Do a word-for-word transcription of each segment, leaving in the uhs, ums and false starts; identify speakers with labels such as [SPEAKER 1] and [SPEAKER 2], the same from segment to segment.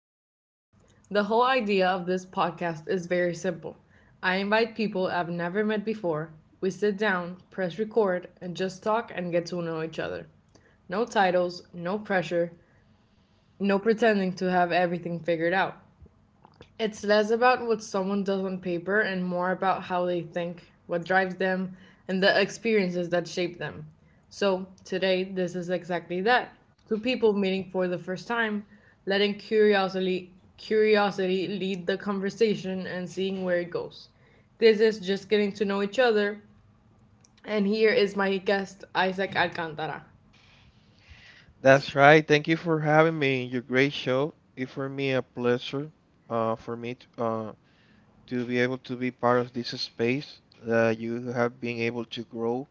[SPEAKER 1] Each Other. The whole idea of this podcast is very simple. I invite people I've never met before. We sit down, press record, and just talk and get to know each other. No titles, no pressure, no pretending to have everything figured out. It's less about what someone does on paper and more about how they think, what drives them, and the experiences that shape them. So today, this is exactly that. Two people meeting for the first time, letting curiosity, curiosity lead the conversation and seeing where it goes. This is just getting to know each other, and here is my guest, Isaac Alcantara.
[SPEAKER 2] That's right. Thank you for having me in your great show. It's for me a pleasure uh, for me to, uh, to be able to be part of this space that you have been able to grow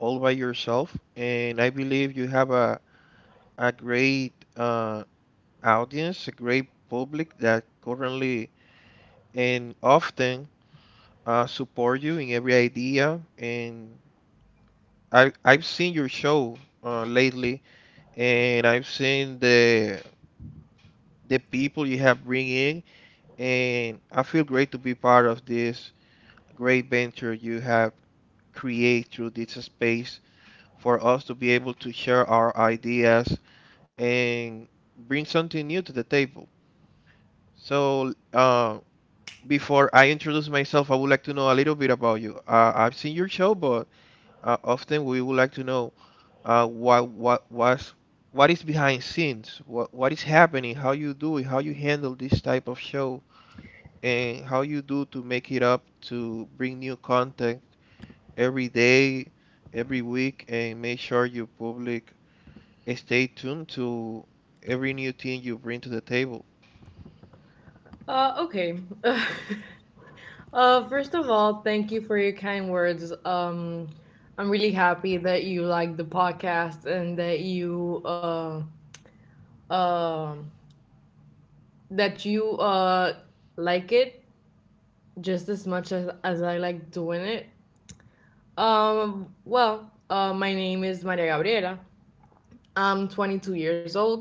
[SPEAKER 2] all by yourself. And I believe you have a, a great uh, audience, a great public that currently and often uh, support you in every idea. And I, I've seen your show uh, lately, and I've seen the the people you have bring in, and I feel great to be part of this great venture you have created through this space for us to be able to share our ideas and bring something new to the table. So, uh, before I introduce myself, I would like to know a little bit about you. Uh, I've seen your show, but uh, often we would like to know uh, what what was what is behind scenes, what what is happening, how you do it, how you handle this type of show, and how you do to make it up to bring new content every day, every week, and make sure you public stay tuned to every new thing you bring to the table.
[SPEAKER 1] Uh, okay. Uh, first of all, thank you for your kind words. Um, I'm really happy that you like the podcast and that you uh, um that you uh like it just as much as as I like doing it. Um, well, uh, my name is Maria Gabriela. I'm twenty-two years old.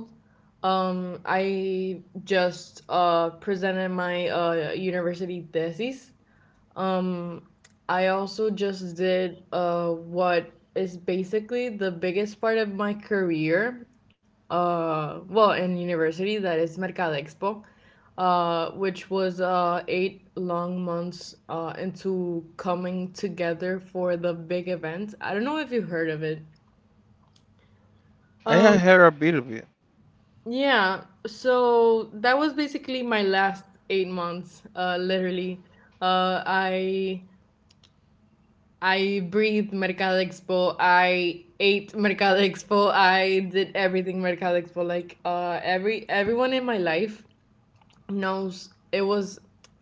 [SPEAKER 1] Um, I just uh presented my uh university thesis. Um, I also just did uh what is basically the biggest part of my career. Uh, well, in university, that is Mercado Expo, uh, which was uh eight long months uh into coming together for the big event. I don't know if you heard of it.
[SPEAKER 2] I have
[SPEAKER 1] Um,
[SPEAKER 2] heard a bit of it.
[SPEAKER 1] yeah, so that was basically my last eight months, uh, literally. Uh, I I breathed Mercado Expo. I ate Mercado Expo. I did everything Mercado Expo. Like uh, every everyone in my life knows it was,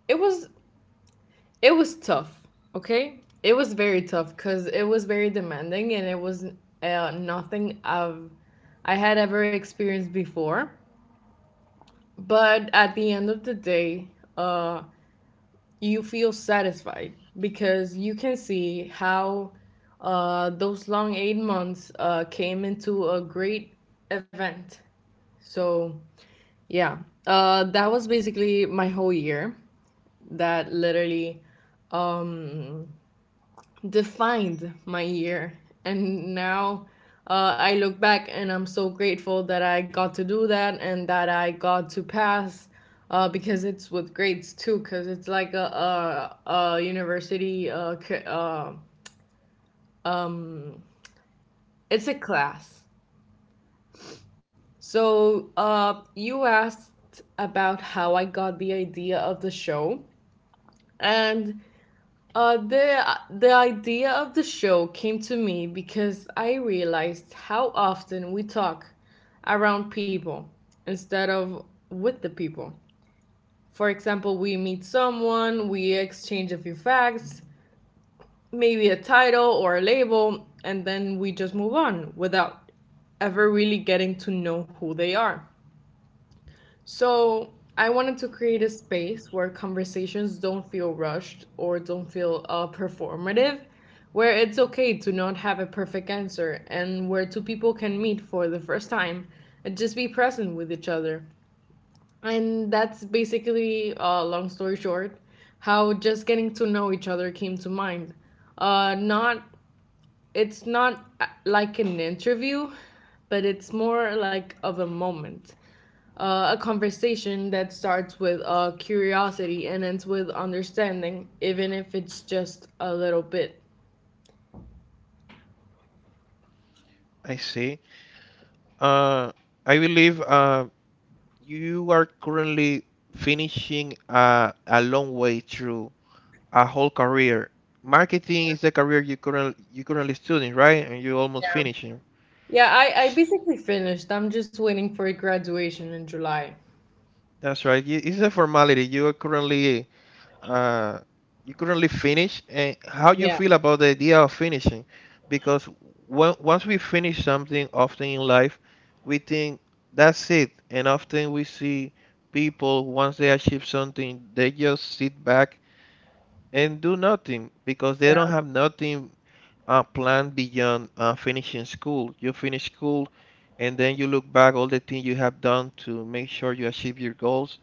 [SPEAKER 1] it was it was tough. Okay, it was very tough because it was very demanding and it was uh, nothing I've I had ever experienced before. But at the end of the day, uh, you feel satisfied because you can see how uh, those long eight months uh, came into a great event. So yeah, uh, that was basically my whole year that literally um, defined my year. And now uh, I look back and I'm so grateful that I got to do that and that I got to pass, uh, because it's with grades too, because it's like a, a, a university, uh, c- uh, um, it's a class. So uh, you asked about how I got the idea of the show. And Uh, the the idea of the show came to me because I realized how often we talk around people instead of with the people. For example, we meet someone, we exchange a few facts, maybe a title or a label, and then we just move on without ever really getting to know who they are. So I wanted to create a space where conversations don't feel rushed or don't feel uh, performative, where it's okay to not have a perfect answer, and where two people can meet for the first time and just be present with each other. And that's basically, uh, long story short, how just getting to know each other came to mind. Uh, not it's not uh, like an interview, but it's more like of a moment, uh, a conversation that starts with uh, curiosity and ends with understanding, even if it's just a little bit.
[SPEAKER 2] I see. Uh, I believe uh, you are currently finishing a, a long way through a whole career. Marketing is the career you currently you currently studying, right? And you're almost
[SPEAKER 1] Yeah,
[SPEAKER 2] finishing.
[SPEAKER 1] yeah. I, I basically finished. I'm just waiting for a graduation in July.
[SPEAKER 2] That's right. You- It's a formality. You are currently uh, you currently finish, and how
[SPEAKER 1] Yeah,
[SPEAKER 2] you feel about the idea of finishing? Because when, once we finish something, often in life, we think that's it, and often we see people, once they achieve something, they just sit back and do nothing because they don't have nothing uh, planned beyond uh, finishing school. You finish school, and then you look back all the things you have done to make sure you achieve your goals,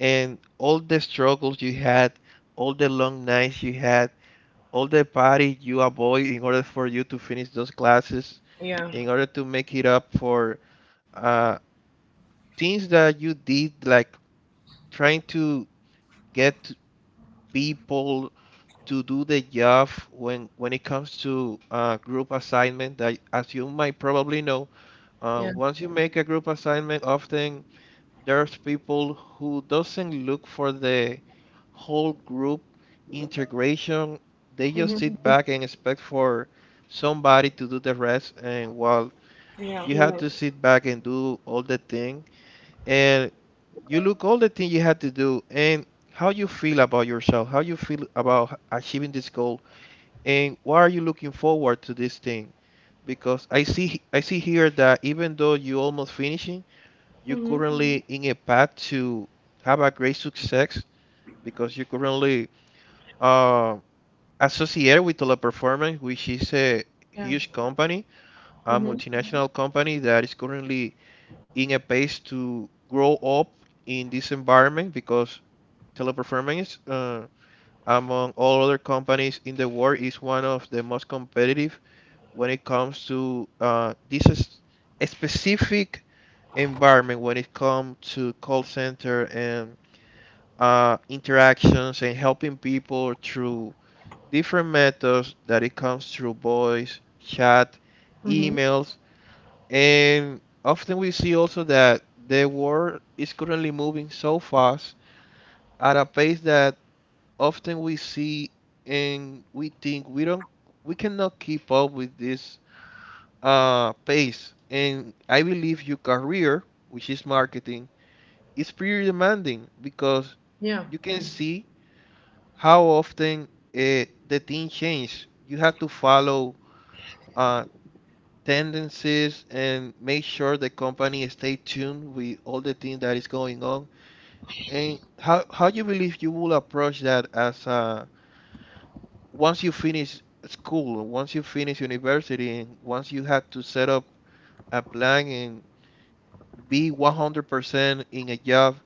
[SPEAKER 2] and all the struggles you had, all the long nights you had, all the party you avoid in order for you to finish those classes,
[SPEAKER 1] yeah,
[SPEAKER 2] in order to make it up for uh, things that you did, like trying to get people to do the job when when it comes to uh, group assignment. That, as you might probably know, uh,
[SPEAKER 1] yeah.
[SPEAKER 2] once you make a group assignment, often there's people who doesn't look for the whole group integration. They
[SPEAKER 1] Hmm.
[SPEAKER 2] just sit back and expect for somebody to do the rest, and while
[SPEAKER 1] Yeah.
[SPEAKER 2] you have, Yeah, to sit back and do all the thing, and you look all the thing you had to do, and how you feel about yourself, how you feel about h- achieving this goal, and why are you looking forward to this thing? Because I see I see here that, even though you almost finishing, you're Mhm.
[SPEAKER 1] Hmm.
[SPEAKER 2] currently in a path to have a great success because you're currently um associated with Teleperformance, which is a
[SPEAKER 1] Yeah.
[SPEAKER 2] huge company, a
[SPEAKER 1] Hmm.
[SPEAKER 2] multinational company that is currently in a pace to grow up in this environment, because Teleperformance, uh, among all other companies in the world, is one of the most competitive when it comes to uh, This is a specific environment when it comes to call center and uh, interactions and helping people through different methods that it comes through voice, chat,
[SPEAKER 1] Hmm.
[SPEAKER 2] emails, and often we see also that the world is currently moving so fast at a pace that often we see, and we think we don't we cannot keep up with this uh, pace. And I believe your career, which is marketing, is pretty demanding because
[SPEAKER 1] Yeah.
[SPEAKER 2] you can see how often uh, the thing change. You have to follow uh, tendencies and make sure the company stay tuned with all the things that is going on, and how how you believe you will approach that as uh, once you finish school, once you finish university, and once you have to set up a plan and be one hundred percent in a job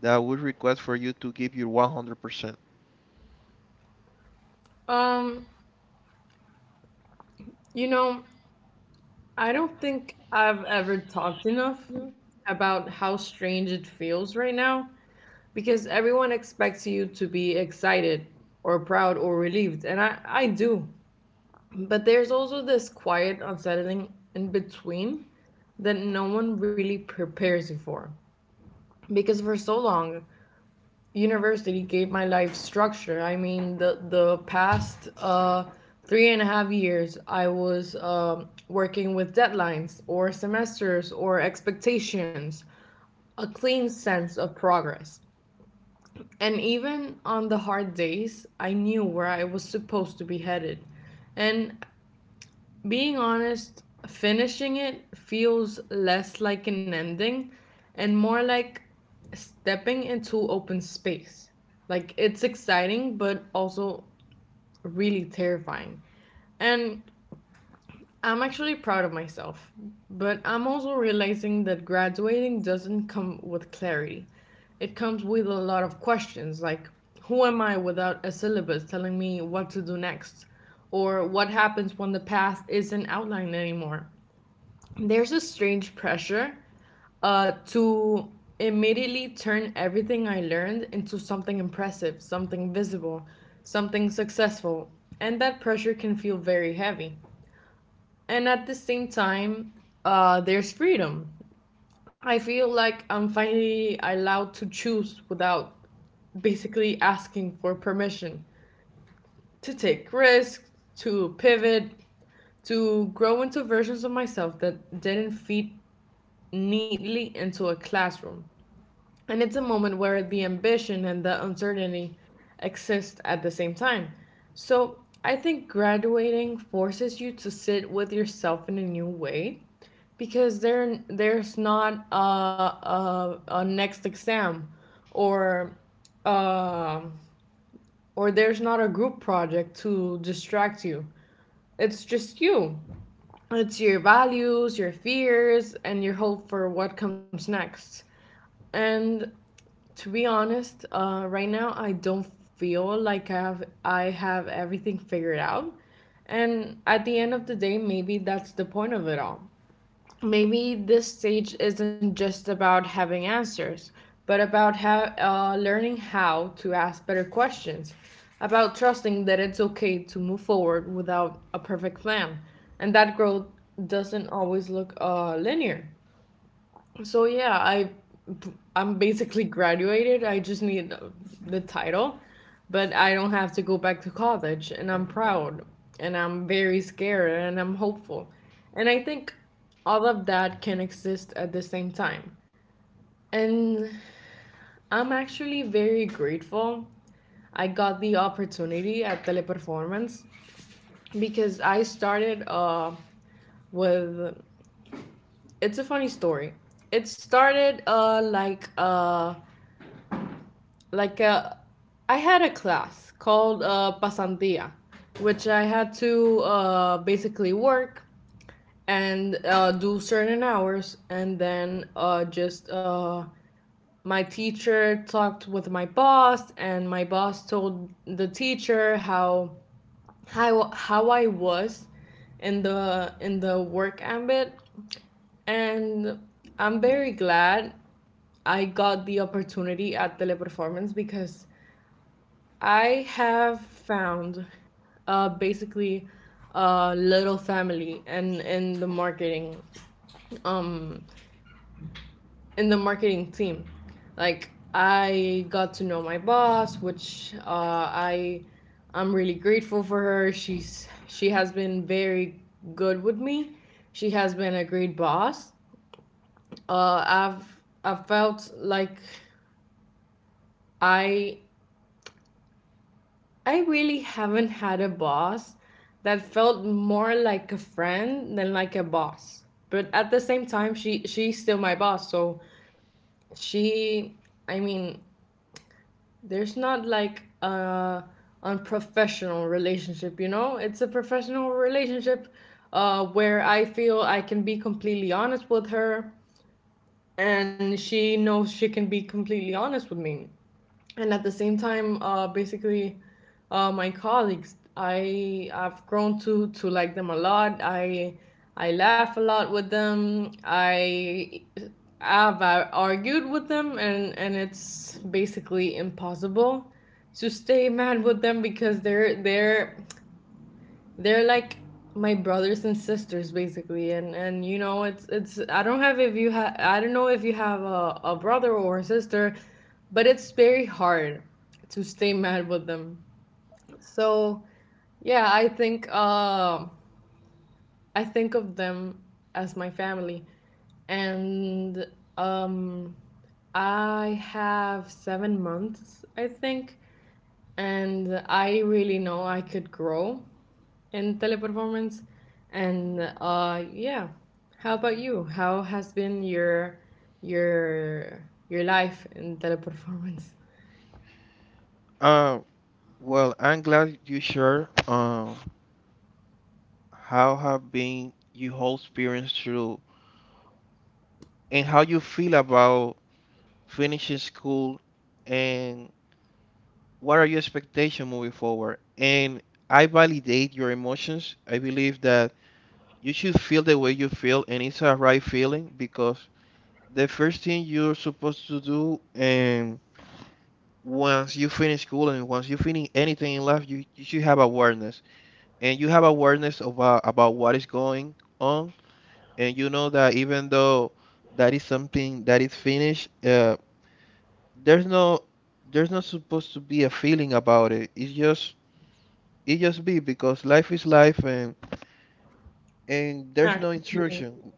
[SPEAKER 2] that would request for you to give your one hundred percent.
[SPEAKER 1] Um, you know, I don't think I've ever talked enough about how strange it feels right now because everyone expects you to be excited or proud or relieved, and I, I do, but there's also this quiet unsettling in between that no one really prepares you for, because for so long university gave my life structure. I mean, the, the past uh, three and a half years I was um working with deadlines or semesters or expectations, a clean sense of progress. And even on the hard days, I knew where I was supposed to be headed. And being honest, finishing it feels less like an ending and more like stepping into open space. Like it's exciting, but also really terrifying. And I'm actually proud of myself, but I'm also realizing that graduating doesn't come with clarity. It comes with a lot of questions, like who am I without a syllabus telling me what to do next? Or what happens when the path isn't outlined anymore? There's a strange pressure uh, to immediately turn everything I learned into something impressive, something visible, something successful. And that pressure can feel very heavy. And at the same time, uh, there's freedom. I feel like I'm finally allowed to choose without basically asking for permission, to take risks, to pivot, to grow into versions of myself that didn't fit neatly into a classroom. And it's a moment where the ambition and the uncertainty exist at the same time. So I think graduating forces you to sit with yourself in a new way, because there there's not a, a, a next exam, or uh, or there's not a group project to distract you. It's just you. It's your values, your fears, and your hope for what comes next. And to be honest, uh, right now I don't feel like i have i have everything figured out. And at the end of the day, maybe that's the point of it all. Maybe this stage isn't just about having answers, but about how, uh, learning how to ask better questions, about trusting that it's okay to move forward without a perfect plan, and that growth doesn't always look uh, linear. So yeah, I I'm basically graduated. I just need uh, the title, but I don't have to go back to college. And I'm proud, and I'm very scared, and I'm hopeful. And I think all of that can exist at the same time. And I'm actually very grateful I got the opportunity at Teleperformance because I started uh, with it's a funny story. It started uh, like uh, like uh, I had a class called uh, pasantia, which I had to uh, basically work and uh, do certain hours, and then uh, just uh, my teacher talked with my boss, and my boss told the teacher how how how I was in the in the work ambit, and I'm very glad I got the opportunity at Teleperformance because I have found uh, basically a little family, and in the marketing um in the marketing team. Like I got to know my boss, which uh, I I'm really grateful for her. She's she has been very good with me. She has been a great boss. Uh, I've I've felt like I I really haven't had a boss that felt more like a friend than like a boss. But at the same time, she she's still my boss, so she I mean, there's not like a unprofessional relationship, you know? It's a professional relationship uh, where I feel I can be completely honest with her, and she knows she can be completely honest with me. And at the same time, uh, basically, uh, my colleagues, i i've grown to to like them a lot. i i laugh a lot with them. I have uh, argued with them, and and it's basically impossible to stay mad with them because they're they're they're like my brothers and sisters, basically. And and you know, it's it's I don't have, if you have, I don't know if you have a, a brother or a sister, but it's very hard to stay mad with them. So yeah, i think uh, i think of them as my family. And um I have seven months, I think, and I really know I could grow in Teleperformance. And uh, yeah, how about you? How has been your your your life in Teleperformance?
[SPEAKER 2] Uh, well I'm glad you shared um, how have been your whole experience through, and how you feel about finishing school, and what are your expectations moving forward. And I validate your emotions. I believe that you should feel the way you feel, and it's a right feeling, because the first thing you're supposed to do, and once you finish school and once you finish anything in life, you, you should have awareness, and you have awareness about about what is going on. And you know that, even though that is something that is finished, uh, there's no there's not supposed to be a feeling about it. It's just it just be, because life is life, and and there's no
[SPEAKER 1] Yeah, completely.
[SPEAKER 2] instruction.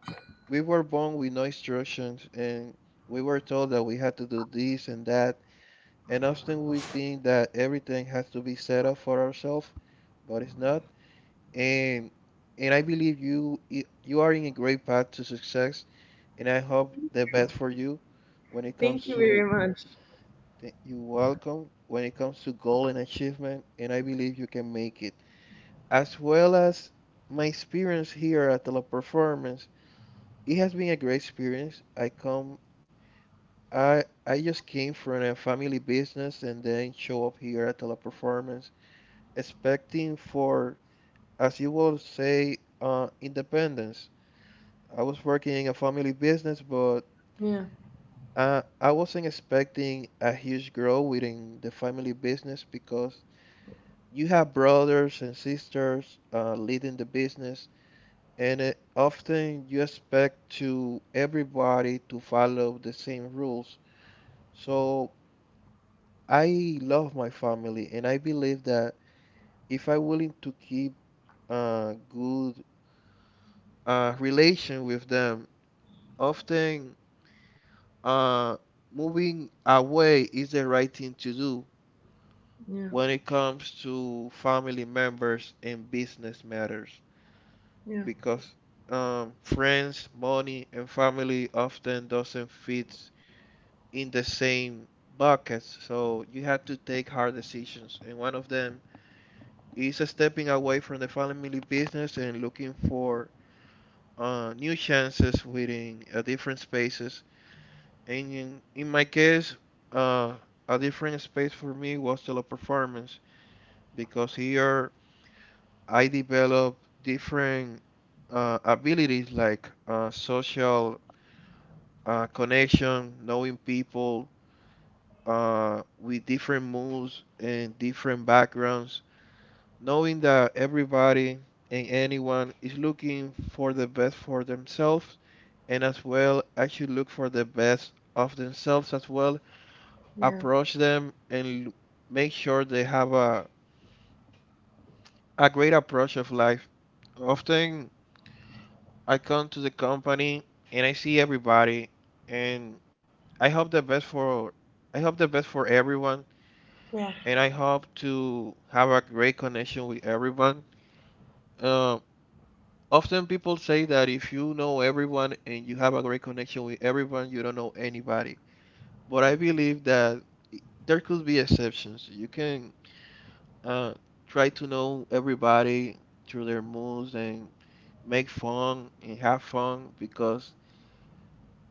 [SPEAKER 2] We were born with no instructions, and we were told that we had to do this and that. And often we think that everything has to be set up for ourselves, but it's not. And and I believe you you are in a great path to success, and I hope the best for you when it
[SPEAKER 1] Thank
[SPEAKER 2] comes
[SPEAKER 1] you very
[SPEAKER 2] to—
[SPEAKER 1] much.
[SPEAKER 2] You're welcome. When it comes to goal and achievement, and I believe you can make it. As well as my experience here at Teleperformance, it has been a great experience. I come, I I just came from a family business and then show up here at Teleperformance, expecting for, as you will say, uh, independence. I was working in a family business, but
[SPEAKER 1] Yeah,
[SPEAKER 2] uh, I wasn't expecting a huge growth within the family business, because you have brothers and sisters uh, leading the business, and it, often you expect to everybody to follow the same rules. So I love my family, and I believe that, if I'm willing to keep a good uh, relation with them, often, uh, moving away is the right thing to do
[SPEAKER 1] yeah,
[SPEAKER 2] when it comes to family members and business matters.
[SPEAKER 1] yeah,
[SPEAKER 2] Because um, friends, money, and family often doesn't fit in the same buckets. So you have to take hard decisions, and one of them is stepping away from the family business and looking for uh, new chances within uh, different spaces. And in, in my case, uh, a different space for me was Teleperformance, because here I developed different uh, abilities, like uh, social uh, connection, knowing people uh, with different moods and different backgrounds, knowing that everybody and anyone is looking for the best for themselves, and as well actually look for the best of themselves as well,
[SPEAKER 1] yeah.
[SPEAKER 2] approach them and make sure they have a, a great approach of life. Often I come to the company and I see everybody, and I hope the best for I hope the best for everyone,
[SPEAKER 1] Yeah,
[SPEAKER 2] and I hope to have a great connection with everyone. Um, often people say that if you know everyone and you have a great connection with everyone, you don't know anybody. But I believe that there could be exceptions. You can uh, try to know everybody through their moves and make fun and have fun, because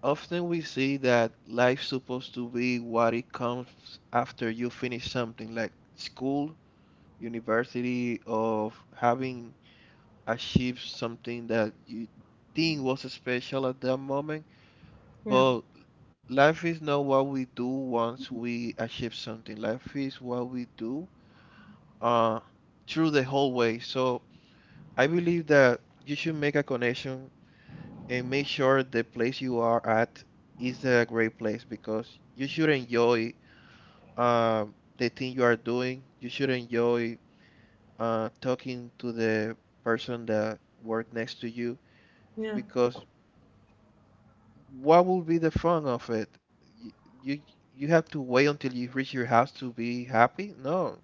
[SPEAKER 2] often we see that life's supposed to be what it comes after you finish something, like school, university, of having achieve something that you think was special at that moment.
[SPEAKER 1] yeah,
[SPEAKER 2] But life is not what we do once we achieve something. Life is what we do uh, through the whole way. So I believe that you should make a connection and make sure the place you are at is a great place, because you should enjoy uh, the thing you are doing. You should enjoy uh, talking to the person that work next to you,
[SPEAKER 1] yeah.
[SPEAKER 2] because what will be the fun of it? You, you you have to wait until you reach your house to be happy? No,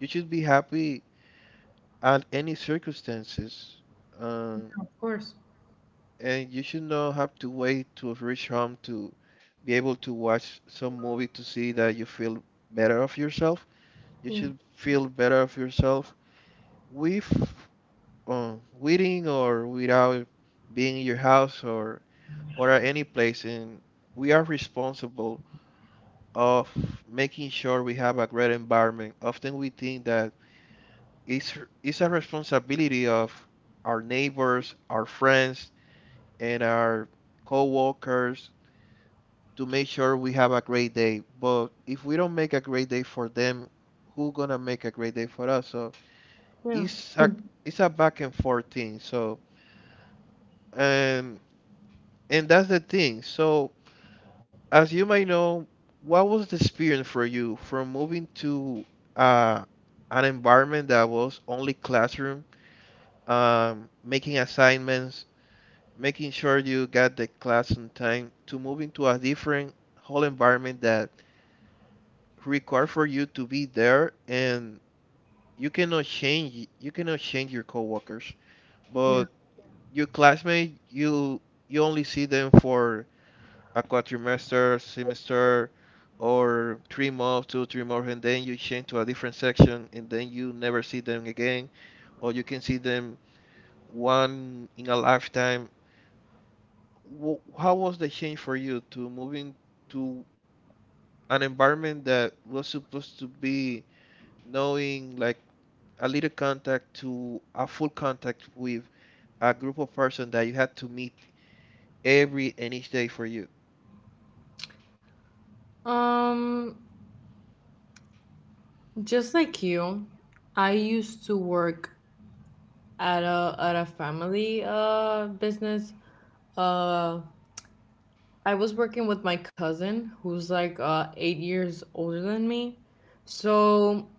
[SPEAKER 2] you should be happy at any circumstances. Um,
[SPEAKER 1] Of course.
[SPEAKER 2] and you should not have to wait to reach home to be able to watch some movie to see that you feel better of yourself. You
[SPEAKER 1] Yeah,
[SPEAKER 2] should feel better of yourself with, uh, within or without being in your house, or or at any place. And we are responsible of making sure we have a great environment. Often we think that it's, it's a responsibility of our neighbors, our friends, and our co-workers to make sure we have a great day. But if we don't make a great day for them, who gonna make a great day for us? So
[SPEAKER 1] yeah,
[SPEAKER 2] it's a it's a back and forth thing. So, and and that's the thing. So as you might know, what was the experience for you from moving to uh, an environment that was only classroom, um, making assignments, making sure you got the class on time, to moving to a different whole environment that required for you to be there and you cannot change you cannot change your coworkers,
[SPEAKER 1] yeah.
[SPEAKER 2] but your classmate you you only see them for a quadrimester, semester, or three months, two, three months, and then you change to a different section, and then you never see them again, or you can see them one in a lifetime. How was the change for you to moving to an environment that was supposed to be knowing like a little contact to a full contact with a group of person that you had to meet every and each day for you?
[SPEAKER 1] Um, just like you, I used to work at a at a family uh business. Uh I was working with my cousin who's like uh, eight years older than me. So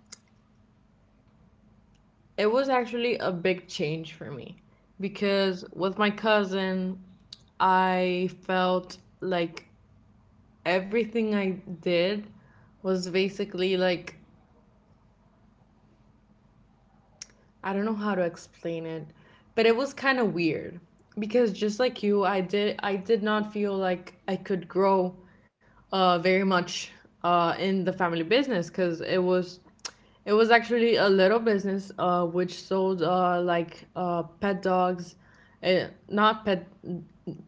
[SPEAKER 1] it was actually a big change for me, because with my cousin, I felt like everything I did was basically like, I don't know how to explain it, but it was kind of weird because, just like you, I did, I did not feel like I could grow uh, very much uh, in the family business, because it was, it was actually a little business, uh, which sold, uh, like uh, pet dogs, eh, not pet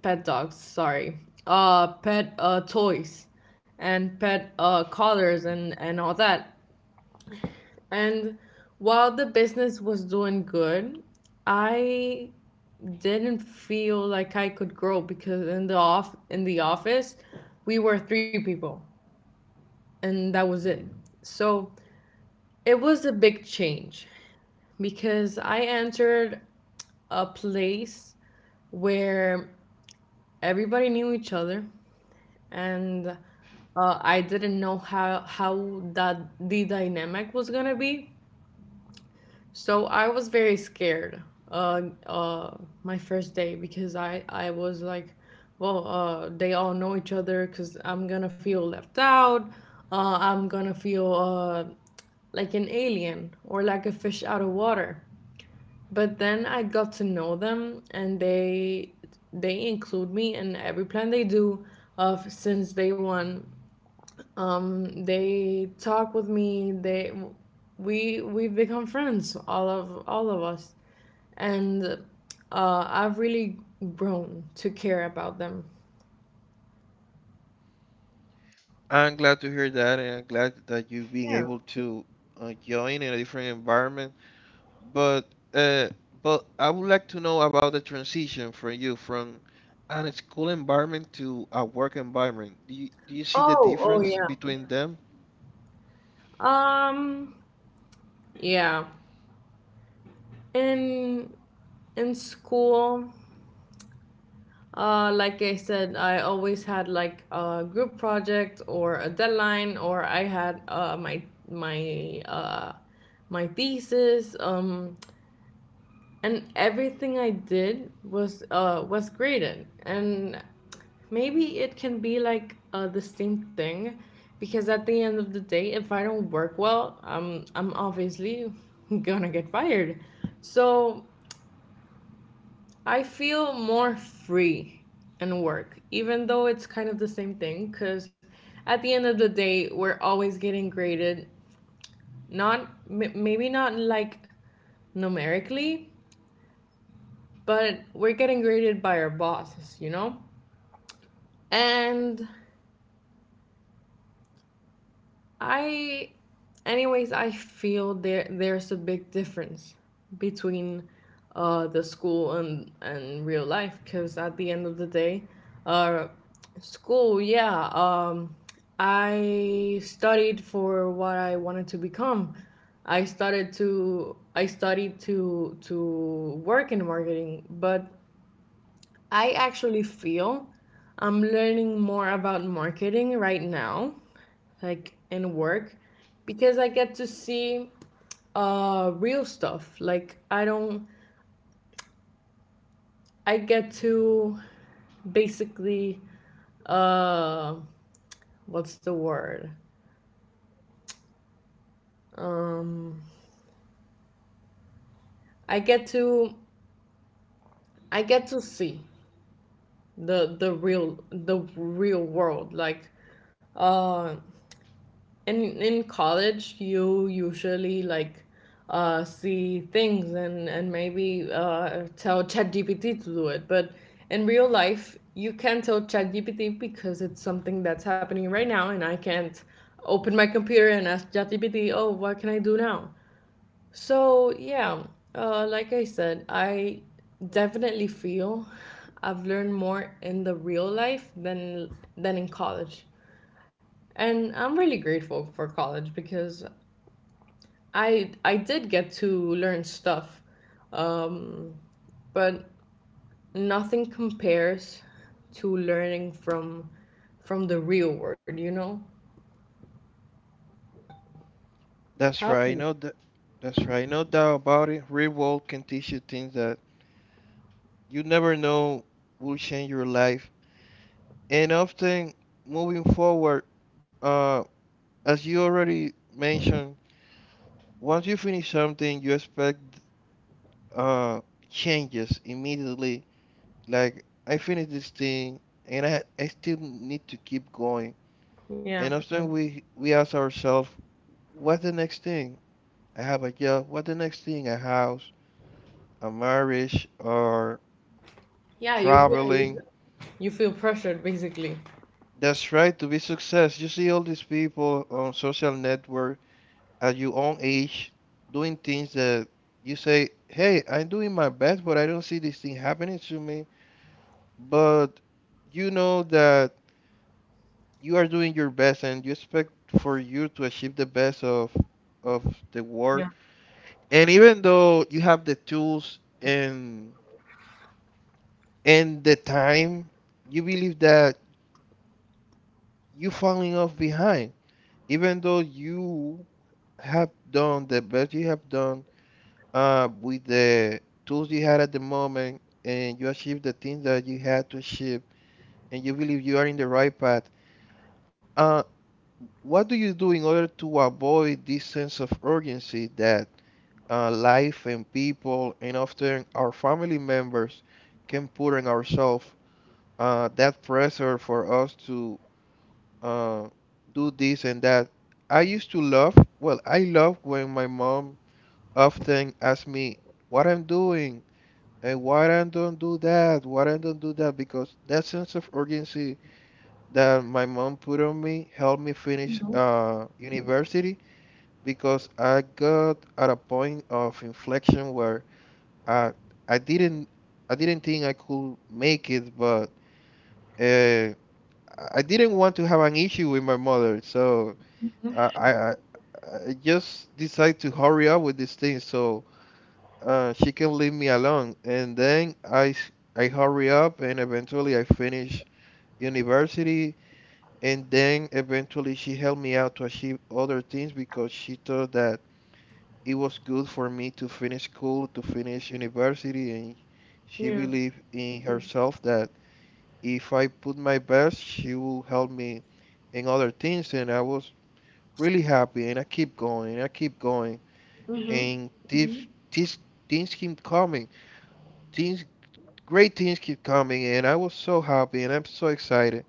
[SPEAKER 1] pet dogs. Sorry, uh, pet uh, toys and pet uh, collars and and all that. And while the business was doing good, I didn't feel like I could grow because in the off in the office, we were three people, and that was it. So it was a big change, because I entered a place where everybody knew each other, and uh, I didn't know how how that the dynamic was gonna be. So I was very scared uh, uh, my first day because I, I was like, well, uh, they all know each other because I'm gonna feel left out. Uh, I'm gonna feel uh, like an alien or like a fish out of water. But then I got to know them and they they include me in every plan they do of since day one. Um, they talk with me. They we we've become friends, all of all of us, and uh, I've really grown to care about them.
[SPEAKER 2] I'm glad to hear that, and I'm glad that you've been
[SPEAKER 1] Yeah.
[SPEAKER 2] able to uh, join in a different environment. But uh, but I would like to know about the transition for you from a school environment to a work environment. Do you do you see the
[SPEAKER 1] Oh, oh
[SPEAKER 2] difference
[SPEAKER 1] yeah.
[SPEAKER 2] between them?
[SPEAKER 1] Um, yeah. In in school, Uh, like I said, I always had like a group project or a deadline, or I had uh, my my uh, my thesis. Um, and everything I did was uh, was graded. And maybe it can be like uh, the same thing, because at the end of the day, if I don't work well, um, I'm obviously gonna get fired. So I feel more free in work, even though it's kind of the same thing, because at the end of the day, we're always getting graded. Not, m- Maybe not like numerically, but we're getting graded by our bosses, you know? And I, Anyways, I feel there there's a big difference between uh, the school and and real life because at the end of the day, uh, school, yeah, um, I studied for what I wanted to become. I started to I studied to to work in marketing, but I actually feel I'm learning more about marketing right now like in work because I get to see uh real stuff. Like I don't I get to basically uh what's the word? Um I get to I get to see the the real the real world like uh in in college you usually like uh see things and and maybe uh tell ChatGPT to do it, but in real life you can tell ChatGPT because it's something that's happening right now, and I can't open my computer and ask ChatGPT, oh, what can I do now. So yeah, uh like I said, I definitely feel I've learned more in the real life than than in college, and I'm really grateful for college because I I did get to learn stuff, um, but nothing compares to learning from from the real world. You know
[SPEAKER 2] That's
[SPEAKER 1] how?
[SPEAKER 2] right. No, th- that's right. No doubt about it. Real world can teach you things that you never know will change your life, and often moving forward. Uh, as you already mentioned, once you finish something, you expect uh, changes immediately. Like I finished this thing, and I I still need to keep going.
[SPEAKER 1] Yeah,
[SPEAKER 2] And often we we ask ourselves, what's the next thing? I have a job. What's the next thing? A house, a marriage, or
[SPEAKER 1] yeah. You feel,
[SPEAKER 2] traveling.
[SPEAKER 1] you feel pressured basically.
[SPEAKER 2] That's right. To be success, you see all these people on social network at your own age doing things that you say, "Hey, I'm doing my best, but I don't see this thing happening to me." But you know that you are doing your best and you expect for you to achieve the best of of the
[SPEAKER 1] Yeah.
[SPEAKER 2] work, and even though you have the tools and and the time, you believe that you falling off behind, even though you have done the best you have done uh, with the tools you had at the moment and you achieved the things that you had to achieve and you believe you are in the right path. uh, What do you do in order to avoid this sense of urgency that uh, life and people and often our family members can put on ourselves? Uh, that pressure for us to uh, do this and that. I used to love, well, I love when my mom often asks me what I'm doing and why I don't do that, why I don't do that, because that sense of urgency that my mom put on me helped me
[SPEAKER 1] Mhm.
[SPEAKER 2] finish uh, university, because I got at a point of inflection where I I didn't I didn't think I could make it, but uh, I didn't want to have an issue with my mother, so I I, I I just decided to hurry up with this thing so uh, she can leave me alone. And then I s- I hurry up and eventually I finish university. And then eventually she helped me out to achieve other things because she thought that it was good for me to finish school, to finish university, and she
[SPEAKER 1] Yeah.
[SPEAKER 2] believed in herself that if I put my best, she will help me in other things. And I was really happy, and I keep going, and I keep going,
[SPEAKER 1] Mhm.
[SPEAKER 2] and this, mhm, this, things keep coming, things, great things keep coming, and I was so happy, and I'm so excited.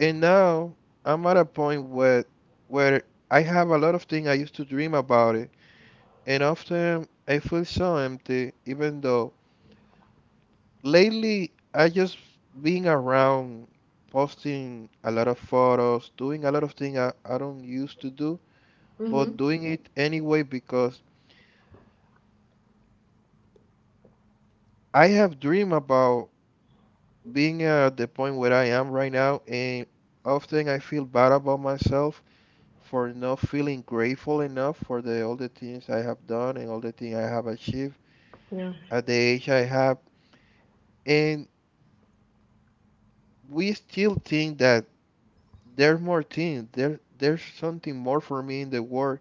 [SPEAKER 2] And now I'm at a point where, where I have a lot of things I used to dream about, and often I feel so empty, even though lately I just being around posting a lot of photos, doing a lot of things I, I don't used to do, but
[SPEAKER 1] Mhm.
[SPEAKER 2] doing it anyway because I have dream about being at the point where I am right now, and often I feel bad about myself for not feeling grateful enough for the all the things I have done and all the things I have achieved
[SPEAKER 1] Yeah.
[SPEAKER 2] at the age I have, and we still think that there's more things. There, there's something more for me in the world.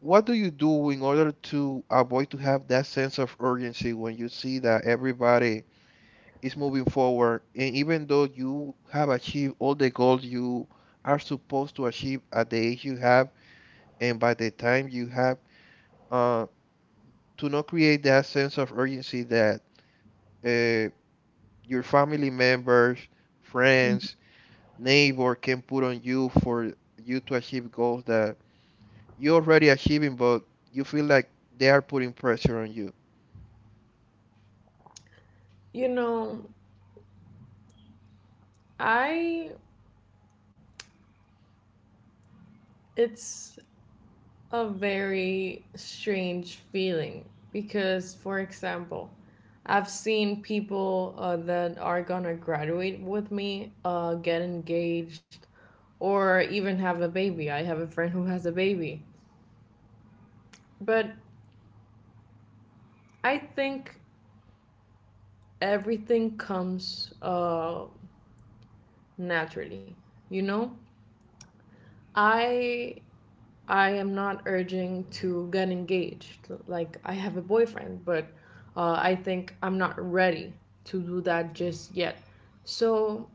[SPEAKER 2] What do you do in order to avoid to have that sense of urgency when you see that everybody is moving forward, and even though you have achieved all the goals you are supposed to achieve at the age you have, and by the time you have, uh, to not create that sense of urgency that uh, your family members, friends, neighbor can put on you for you to achieve goals that you already achieving, but you feel like they are putting pressure on you.
[SPEAKER 1] You know, I it's a very strange feeling because, for example, I've seen people uh, that are gonna graduate with me uh, get engaged or even have a baby. I have a friend who has a baby. But I think everything comes uh, naturally, you know? I I am not urging to get engaged. Like I have a boyfriend, but uh, I think I'm not ready to do that just yet. So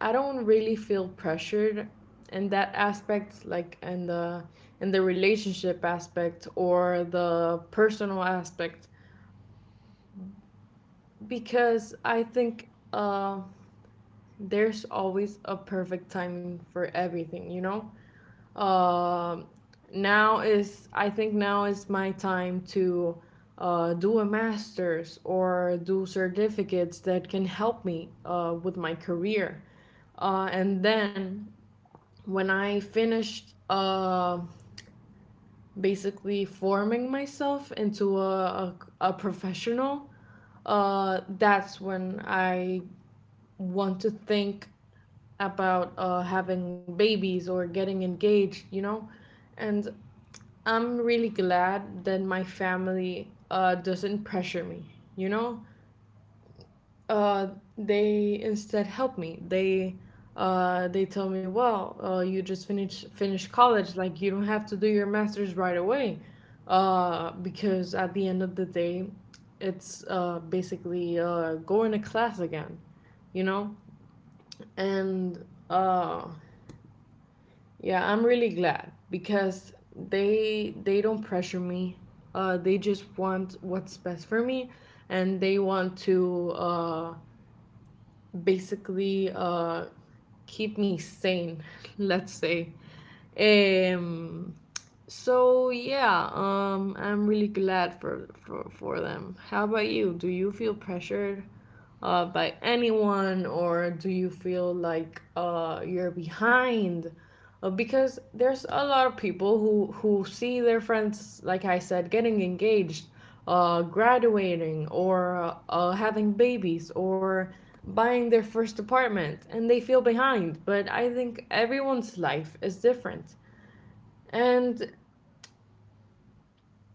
[SPEAKER 1] I don't really feel pressured in that aspect, like in the in the relationship aspect or the personal aspect, because I think uh, there's always a perfect time for everything. You know? Um now is I think now is my time to uh, do a master's or do certificates that can help me uh, with my career. Uh, and then when I finished uh, basically forming myself into a, a, a professional, uh, that's when I want to think about uh, having babies or getting engaged, you know? And I'm really glad that my family uh, doesn't pressure me. You know, uh, they instead help me. They uh, they tell me, well, uh, you just finish finish college. Like you don't have to do your master's right away, uh, because at the end of the day, it's uh, basically uh, going to class again. You know, and uh, yeah, I'm really glad because they they don't pressure me. Uh, they just want what's best for me, and they want to uh, basically uh, keep me sane. Let's say, um, so yeah, um, I'm really glad for, for for them. How about you? Do you feel pressured uh, by anyone, or do you feel like uh, you're behind? Uh, because there's a lot of people who who see their friends, like I said, getting engaged, uh, graduating, or uh, having babies, or buying their first apartment, and they feel behind. But I think everyone's life is different. And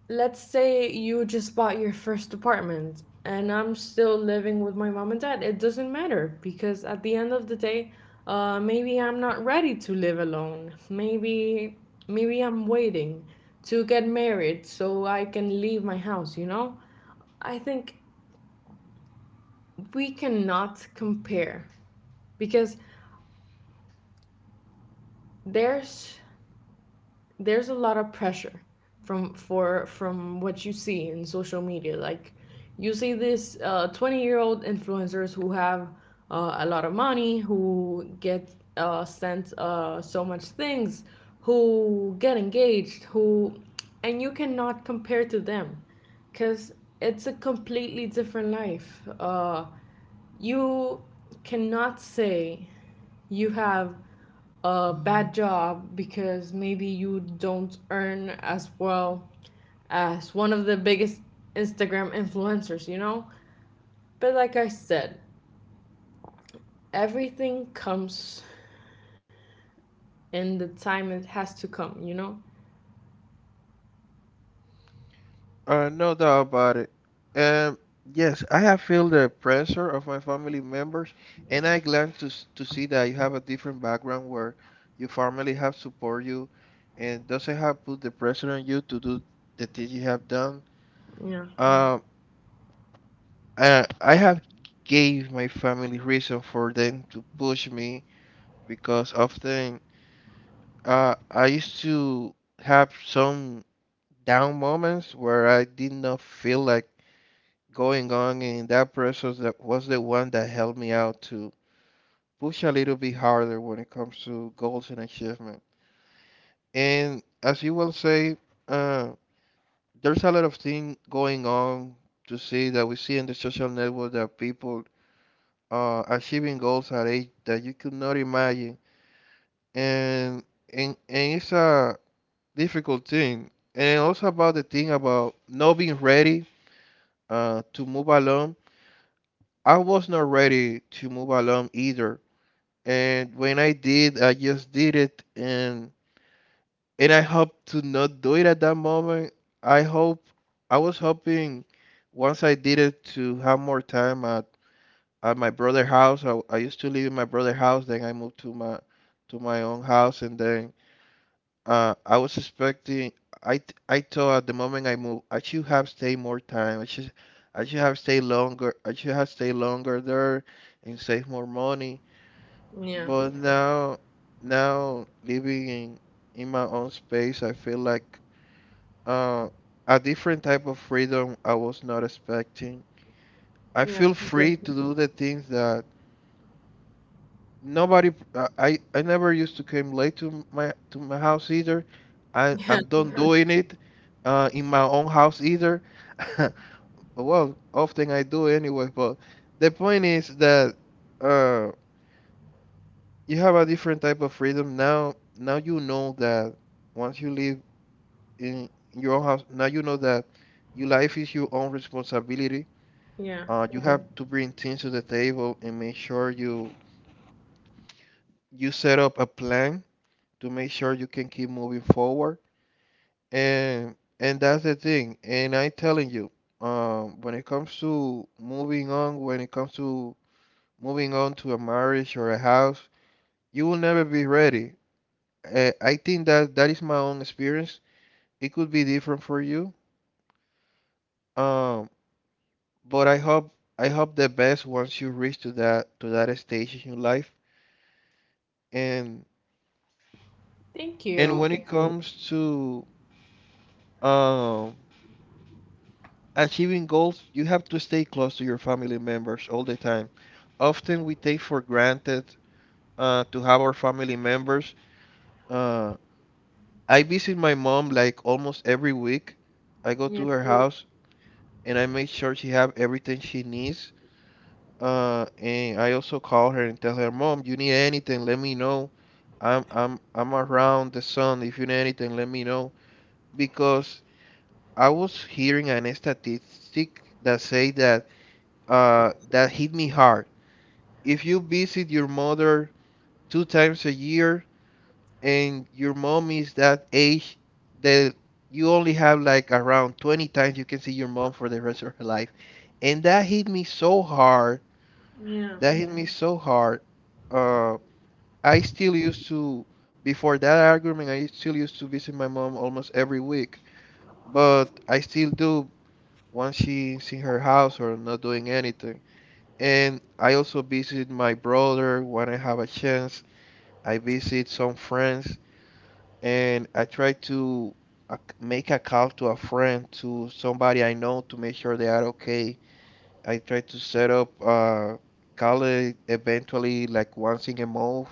[SPEAKER 1] let's say you just bought your first apartment and I'm still living with my mom and dad. It doesn't matter because at the end of the day, uh, maybe I'm not ready to live alone. Maybe maybe I'm waiting to get married so I can leave my house, you know? I think we cannot compare because there's there's a lot of pressure from for from what you see in social media, like you see this uh, twenty year old influencers who have uh, a lot of money, who get uh, sent uh, so much things, who get engaged, who and you cannot compare to them because it's a completely different life. Uh, you cannot say you have a bad job because maybe you don't earn as well as one of the biggest Instagram influencers, you know? But like I said, everything comes in the time it has to come, you know?
[SPEAKER 2] Uh, no doubt about it. Um, yes, I have felt the pressure of my family members, and I glad to s- to see that you have a different background where your family have support you, and doesn't have put the pressure on you to do the things you have done.
[SPEAKER 1] Yeah,
[SPEAKER 2] Um, uh, I have gave my family reason for them to push me, because often uh, I used to have some down moments where I did not feel like going on, and that process that was the one that helped me out to push a little bit harder when it comes to goals and achievement. And as you will say, uh, there's a lot of things going on to see that we see in the social network that people are achieving goals at age that you could not imagine, and and, and it's a difficult thing. And also about the thing about not being ready uh, to move along, I was not ready to move along either. And when I did, I just did it, and and I hope to not do it at that moment. I hope I was hoping once I did it to have more time at, at my brother's house. I, I used to live in my brother's house, then I moved to my to my own house, and then uh, I was expecting. I th- I thought at the moment I moved, I should have stayed more time. I should I should have stayed longer. I should have stayed longer there and save more money.
[SPEAKER 1] yeah,
[SPEAKER 2] But yeah, now now living in in my own space, I feel like uh a different type of freedom I was not expecting. I
[SPEAKER 1] yeah,
[SPEAKER 2] feel
[SPEAKER 1] completely.
[SPEAKER 2] free to do the things that nobody uh, I I never used to came late to my to my house either. I
[SPEAKER 1] Yeah,
[SPEAKER 2] I'm done doing it uh in my own house either. Well, often I do anyway, but the point is that uh you have a different type of freedom now. Now you know that once you live in your own house, now you know that your life is your own responsibility.
[SPEAKER 1] yeah.
[SPEAKER 2] Uh, you have, mhm, to bring things to the table and make sure you you set up a plan to make sure you can keep moving forward. And and that's the thing. And I'm telling you, um, when it comes to moving on, when it comes to moving on to a marriage or a house, you will never be ready. Uh, I think that that is my own experience. It could be different for you. Um, but I hope I hope the best once you reach to that to that stage in your life. And
[SPEAKER 1] Thank
[SPEAKER 2] and when
[SPEAKER 1] you.
[SPEAKER 2] it comes to um achieving goals, you have to stay close to your family members all the time. Often we take for granted uh, to have our family members. Uh, I visit my mom like almost every week. I go
[SPEAKER 1] Yeah,
[SPEAKER 2] to her Mm. house and I make sure she have everything she needs. Uh, and I also call her and tell her, Mom, you need anything, let me know. I'm I'm I'm around the sun. If you need anything, let me know. Because I was hearing an statistic that say that uh, that hit me hard, if you visit your mother two times a year and your mom is that age that you only have like around twenty times you can see your mom for the rest of her life, and that hit me so hard,
[SPEAKER 1] yeah,
[SPEAKER 2] that hit me so hard. uh, I still used to, before that argument I still used to visit my mom almost every week, but I still do, once she's in her house or not doing anything, and I also visit my brother when I have a chance. I visit some friends, and I try to uh, make a call to a friend, to somebody I know, to make sure they are okay. I try to set up a call e- eventually like once in a month.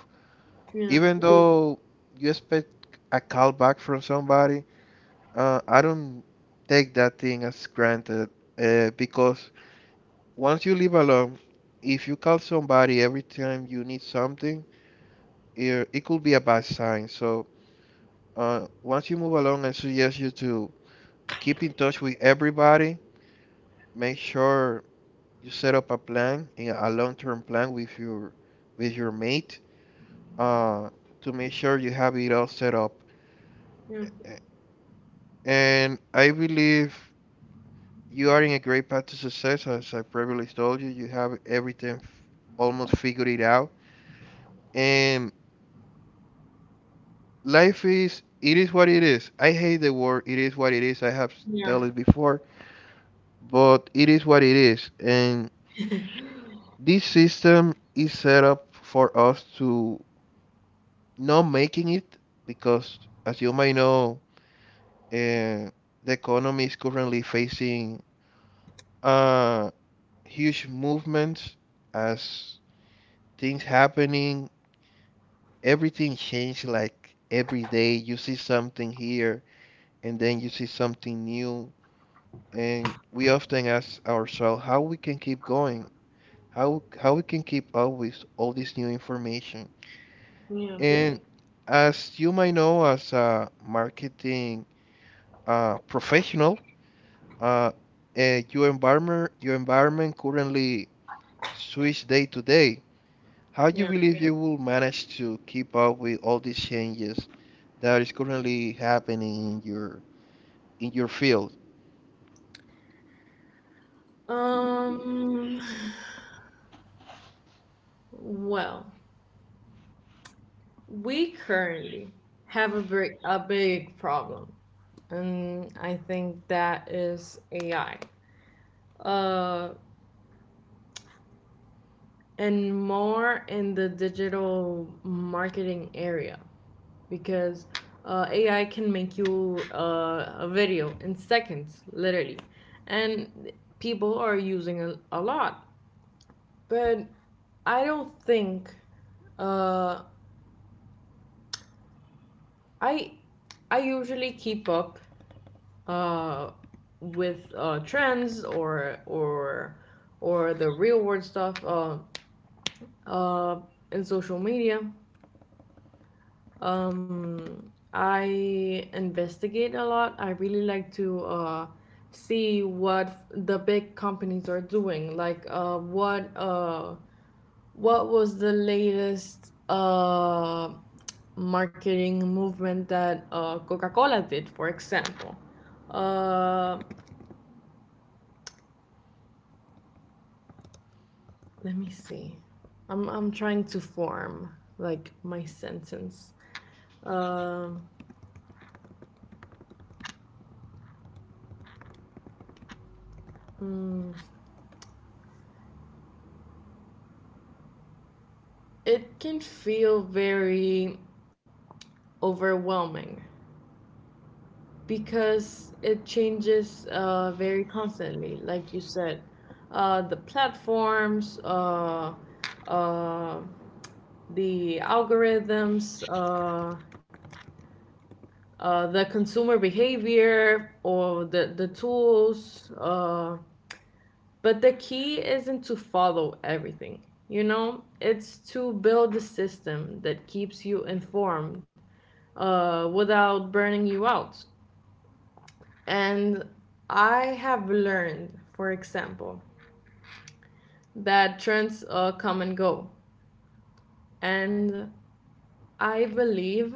[SPEAKER 1] yeah,
[SPEAKER 2] Even, mhm, though you expect a call back from somebody, uh, I don't take that thing as granted uh, because once you live alone, if you call somebody every time you need something, it, it could be a bad sign. So uh, once you move along, I suggest you to keep in touch with everybody. Make sure you set up a plan, eh, a long-term plan with your with your mate, uh, to make sure you have it all set up.
[SPEAKER 1] yeah,
[SPEAKER 2] And I believe you are in a great path to success. As I previously told you, you have everything almost figured it out. And life is it is what it is. I hate the word. It is what it is. I have
[SPEAKER 1] yeah,
[SPEAKER 2] told it before, but it is what it is. And this system is set up for us to not making it because, as you may know, uh, the economy is currently facing uh, huge movements as things happening. Everything changes like every day. You see something here and then you see something new. And we often ask ourselves how we can keep going, how, how we can keep up with all this new information.
[SPEAKER 1] yeah,
[SPEAKER 2] And as you might know, as a marketing uh, professional, uh, uh, your environment your environment currently switch day to day. How do you
[SPEAKER 1] yeah.
[SPEAKER 2] believe you will manage to keep up with all these changes that is currently happening in your in your field?
[SPEAKER 1] Um, well, we currently have a big, a big problem, and I think that is A I. Uh, and more in the digital marketing area, because uh, A I can make you uh, a video in seconds, literally. And people are using a, a lot, but I don't think uh, I I usually keep up uh, with uh, trends or or or the real world stuff uh, uh, in social media. Um, I investigate a lot. I really like to uh, see what the big companies are doing, like uh, what uh, what was the latest uh, marketing movement that uh, Coca Cola did, for example. Uh, Let me see. I'm I'm trying to form like my sentence. Um, mm, it can feel very overwhelming because it changes uh, very constantly, like you said. Uh, the platforms, uh, uh, the algorithms, uh, uh, the consumer behavior, or the the tools. Uh, But the key isn't to follow everything, you know, it's to build a system that keeps you informed uh, without burning you out. And I have learned, for example, that trends uh, come and go. And I believe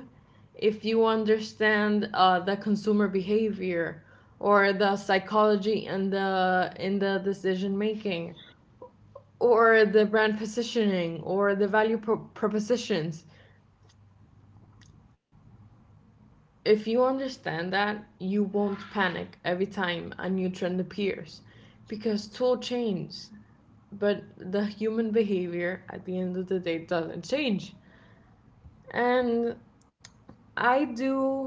[SPEAKER 1] if you understand uh, the consumer behavior or the psychology and the in the decision making, or the brand positioning, or the value pro- propositions. If you understand that, you won't panic every time a new trend appears, because tool change, but the human behavior at the end of the day doesn't change. And I do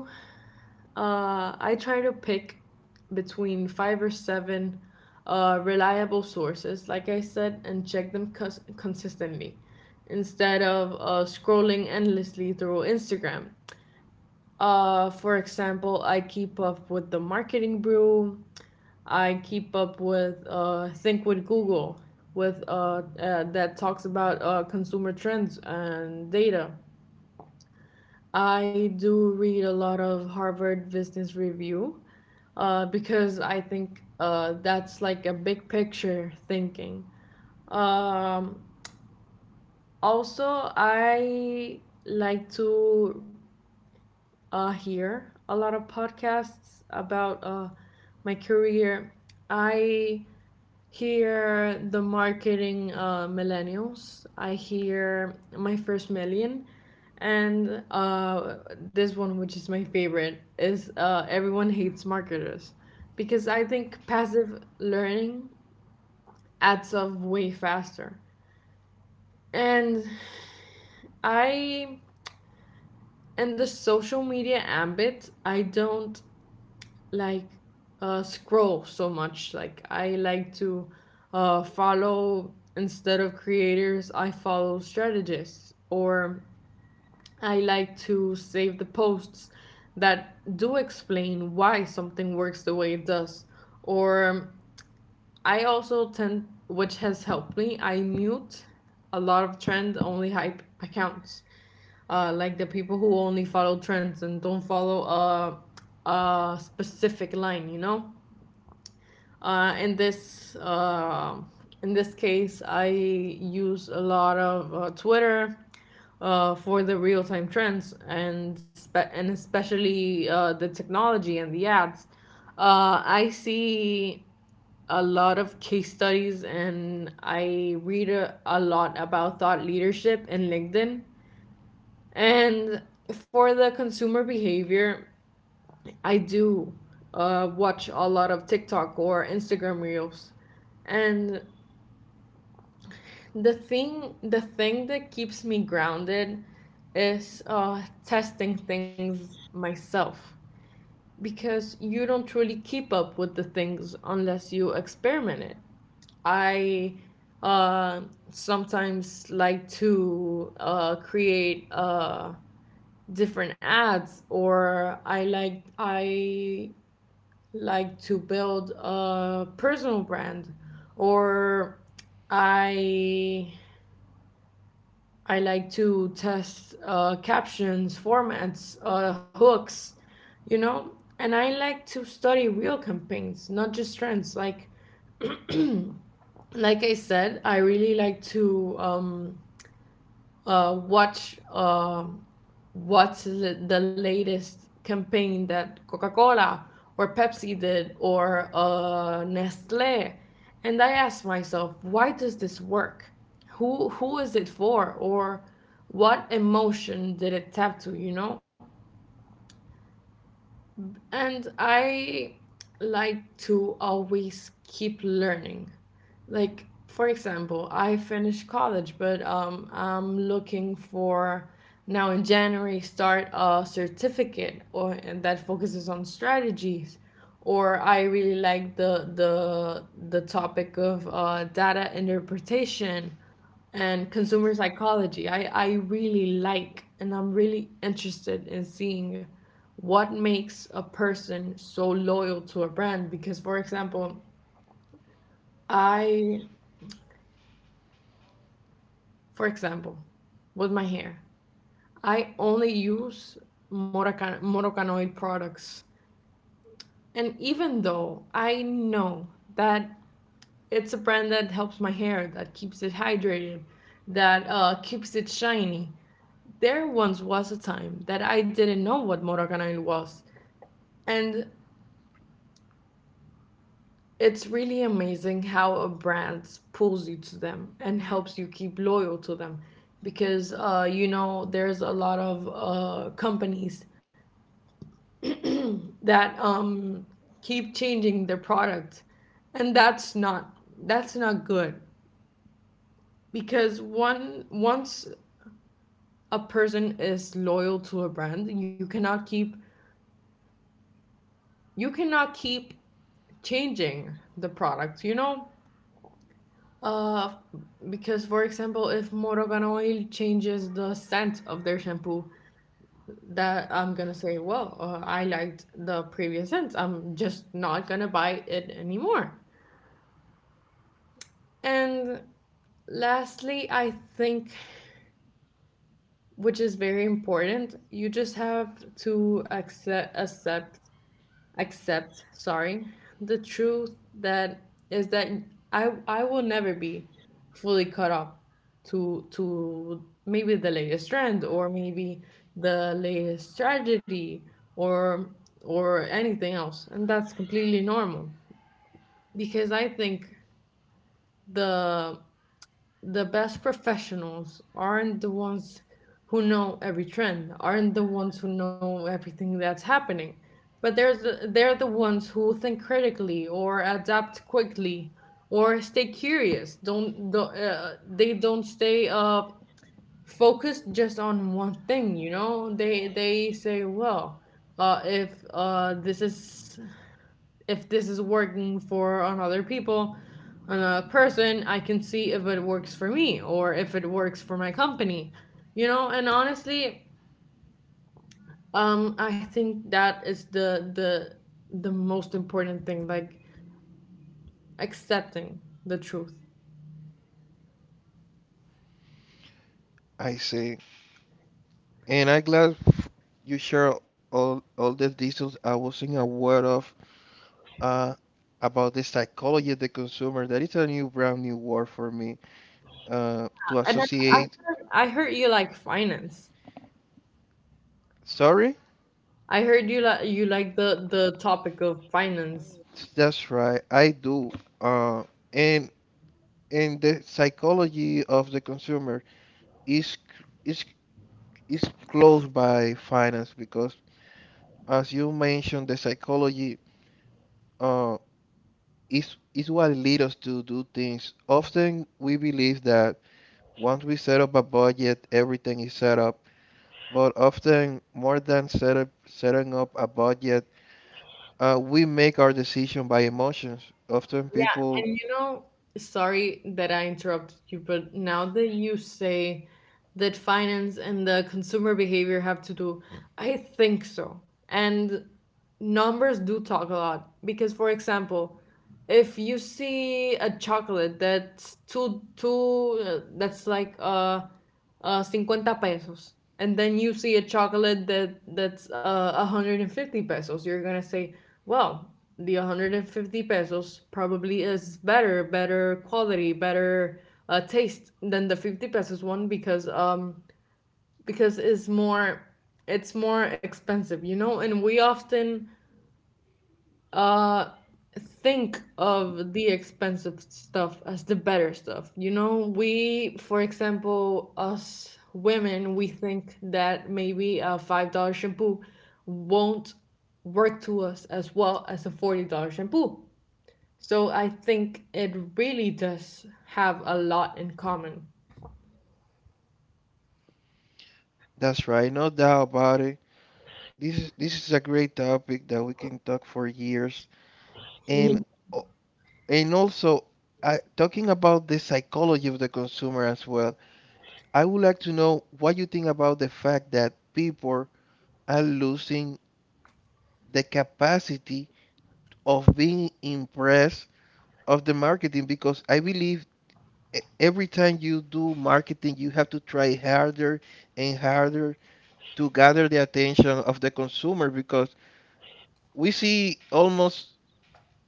[SPEAKER 1] Uh, I try to pick between five or seven uh, reliable sources, like I said, and check them cons- consistently, instead of uh, scrolling endlessly through Instagram. Uh, for example, I keep up with the Marketing Brew. I keep up with uh, Think with Google, with uh, uh, that talks about uh, consumer trends and data. I do read a lot of Harvard Business Review uh, because I think uh, that's like a big picture thinking. Um, Also, I like to uh, hear a lot of podcasts about uh, my career. I hear the Marketing uh, Millennials. I hear My First Million, and uh, this one, which is my favorite, is uh, Everyone Hates Marketers, because I think passive learning adds up way faster. And I in the social media ambit, I don't like uh, scroll so much. Like I like to uh, follow, instead of creators, I follow strategists, or I like to save the posts that do explain why something works the way it does. Or I also tend, which has helped me, I mute a lot of trend only hype accounts, uh, like the people who only follow trends and don't follow a, a specific line, you know? Uh, in this uh, in this case, I use a lot of uh, Twitter uh, for the real time trends and spe- and especially uh, the technology and the ads. Uh, I see a lot of case studies and I read a, a lot about thought leadership in LinkedIn. And for the consumer behavior, I do uh, watch a lot of TikTok or Instagram reels, and the thing the thing that keeps me grounded is uh, testing things myself, because you don't truly keep up with the things unless you experiment it. I uh, Sometimes like to uh, create uh, different ads, or I like I like to build a personal brand, or i i like to test uh, captions, formats, uh, hooks, you know, and I like to study real campaigns, not just trends. like like I said, I really like to um, uh, watch um what's the the latest campaign that Coca-Cola or Pepsi did, or uh, Nestle, and I asked myself, why does this work? Who who is it for, or what emotion did it tap to? You know? And I like to always keep learning. Like, for example, I finished college, but um, I'm looking for now in January start a certificate or and that focuses on strategies. Or I really like the the the topic of uh, data interpretation and consumer psychology. I, I really like and I'm really interested in seeing what makes a person so loyal to a brand because for example i for example with my hair I only use Moroccan, morocanoid products, and even though I know that it's a brand that helps my hair, that keeps it hydrated, that uh, keeps it shiny. There once was a time that I didn't know what Moroccan oil was. And it's really amazing how a brand pulls you to them and helps you keep loyal to them, because uh, you know there's a lot of uh, companies that um, keep changing their product, and that's not that's not good, because one once a person is loyal to a brand, you cannot keep, you cannot keep changing the product you know Uh, because, for example, if Morgan Oil changes the scent of their shampoo, that I'm gonna say, well, uh, I liked the previous scent. I'm just not gonna buy it anymore. And lastly, I think, which is very important, you just have to accept accept accept sorry the truth, that is that i i will never be fully caught up to to maybe the latest trend, or maybe the latest tragedy, or or anything else, and that's completely normal. Because I think the the best professionals aren't the ones who know every trend, aren't the ones who know everything that's happening, but they're the, they're the ones who think critically, or adapt quickly, or stay curious. Don't, do uh, They don't stay uh, focused just on one thing, you know? They they say, well, uh, if uh, this is if this is working for on other people, on a person, I can see if it works for me or if it works for my company. You know, and honestly, um, I think that is the the the most important thing, like accepting the truth.
[SPEAKER 2] I see, and I'm glad f- you share all all the details I wasn't aware of uh, about the psychology of the consumer. That is a new brand new word for me uh, to
[SPEAKER 1] And I, I
[SPEAKER 2] associate.
[SPEAKER 1] heard I heard you like finance.
[SPEAKER 2] Sorry,
[SPEAKER 1] I heard you like you like the the topic of finance.
[SPEAKER 2] that's right. I do. Uh, and and the psychology of the consumer is c- is is close by finance because, as you mentioned, the psychology uh, is is what leads us to do things. Often we believe that once we set up a budget, everything is set up. But often, more than set up, setting up a budget, uh, we make our decision by emotions. Often
[SPEAKER 1] Yeah,
[SPEAKER 2] people.
[SPEAKER 1] and you know, sorry that I interrupted you, but now that you say that finance and the consumer behavior have to do, I think so. And numbers do talk a lot because, for example, if you see a chocolate that's two two uh, that's like uh uh, fifty pesos, and then you see a chocolate that that's uh, a hundred fifty pesos, you're gonna say, well, the a hundred fifty pesos probably is better better quality, better uh, taste than the fifty pesos one, because um because it's more it's more expensive, you know. And we often uh think of the expensive stuff as the better stuff, you know. We, for example, us women, we think that maybe a five dollar shampoo won't work to us as well as a forty dollar shampoo. So I think it really does have a lot in common.
[SPEAKER 2] That's right, no doubt about it. This this is a great topic that we can talk for years,
[SPEAKER 1] Yeah.
[SPEAKER 2] and o- and also uh, talking about the psychology of the consumer as well. I would like to know what you think about the fact that people are losing the capacity of being impressed of the marketing because I believe e- every time you do marketing, you have to try harder and harder to gather the attention of the consumer because we see almost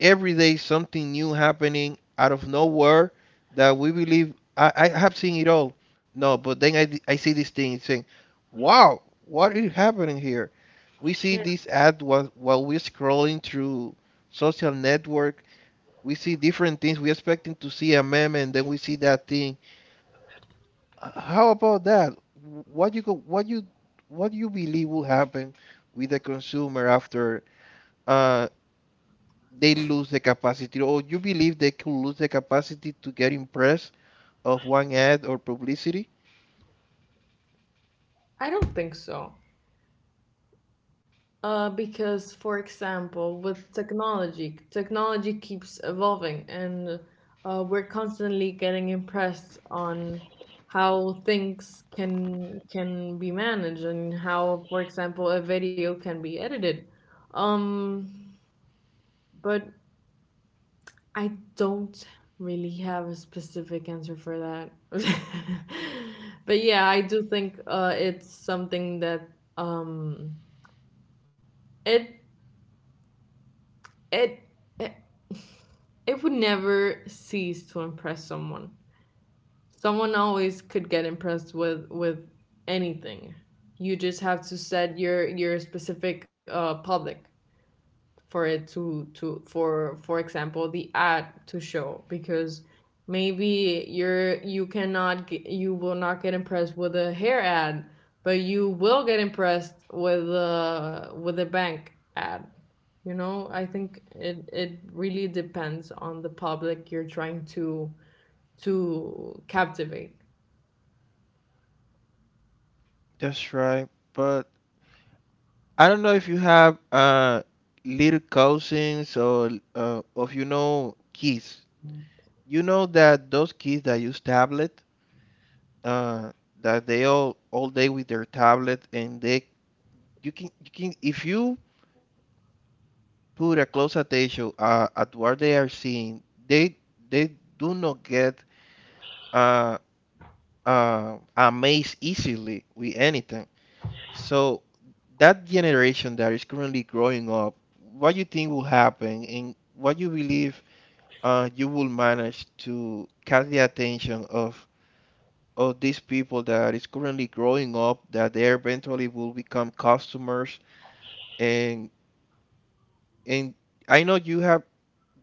[SPEAKER 2] every day something new happening out of nowhere that we believe I, I have seen it all. No, but then I, d- I see this thing saying, wow, what is happening here? We see this ad while, while we're scrolling through social network. We see different things. We're expecting to see a meme and then we see that thing. H- How about that? What you go, what you what you believe will happen with the consumer after uh, they lose the capacity, or you believe they could lose the capacity to get impressed of one ad or publicity.
[SPEAKER 1] I don't think so. Uh, because, for example, with technology, technology keeps evolving, and uh, we're constantly getting impressed on how things can can be managed, and how, for example, a video can be edited. Um, but I don't really have a specific answer for that. But yeah, I do think uh, it's something that um, it it. It would never cease to impress someone. Someone always could get impressed with with anything. You just have to set your your specific uh, public for it to to for for example the ad to show. Because maybe you're you cannot get, you will not get impressed with a hair ad, but you will get impressed with a with a bank ad, you know. I think it it really depends on the public you're trying to to captivate.
[SPEAKER 2] That's right. But I don't know if you have uh little cousins or uh, of you know kids. You know that those kids that use tablet, uh, that they all all day with their tablet, and they you can you can if you put a close attention uh, at what they are seeing, they they do not get uh uh, amazed easily with anything. So that generation that is currently growing up, what you think will happen, and what you believe uh, you will manage to catch the attention of of these people that is currently growing up, that they eventually will become customers, and and I know you have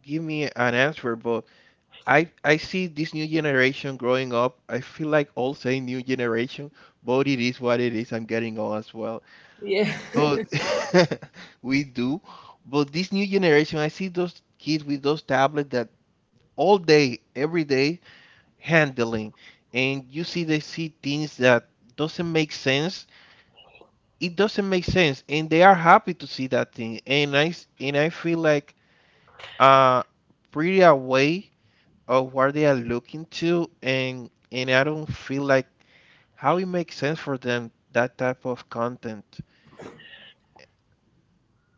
[SPEAKER 2] give me an answer, but I I see this new generation growing up. I feel like all say new generation, but it is what it is. I'm getting old as well.
[SPEAKER 1] Yeah.
[SPEAKER 2] But we do. But this new generation, I see those kids with those tablets that all day, every day handling, and you see they see things that doesn't make sense. It doesn't make sense, and they are happy to see that thing. And I s- and I feel like uh pretty away of what they are looking to and and I don't feel like how it makes sense for them that type of content.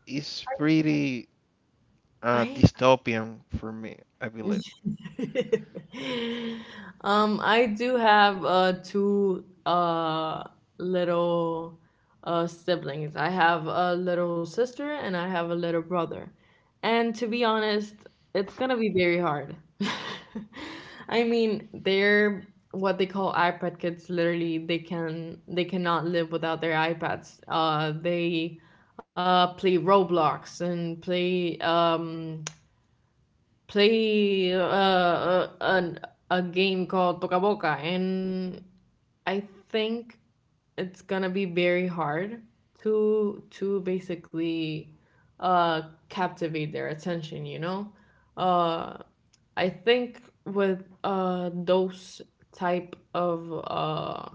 [SPEAKER 2] It's pretty uh,
[SPEAKER 1] I
[SPEAKER 2] dystopian for me, I believe.
[SPEAKER 1] um, I do have uh, two uh, little uh, siblings. I have a little sister and I have a little brother. And to be honest, it's gonna be very hard. I mean, they're what they call iPad kids. Literally, they can they cannot live without their iPads. Uh, they uh, play Roblox, and play um, play uh, uh, an, a game called Toca Boca. And I think it's gonna be very hard to to basically uh, captivate their attention. You know, uh, I think with uh, those type of uh,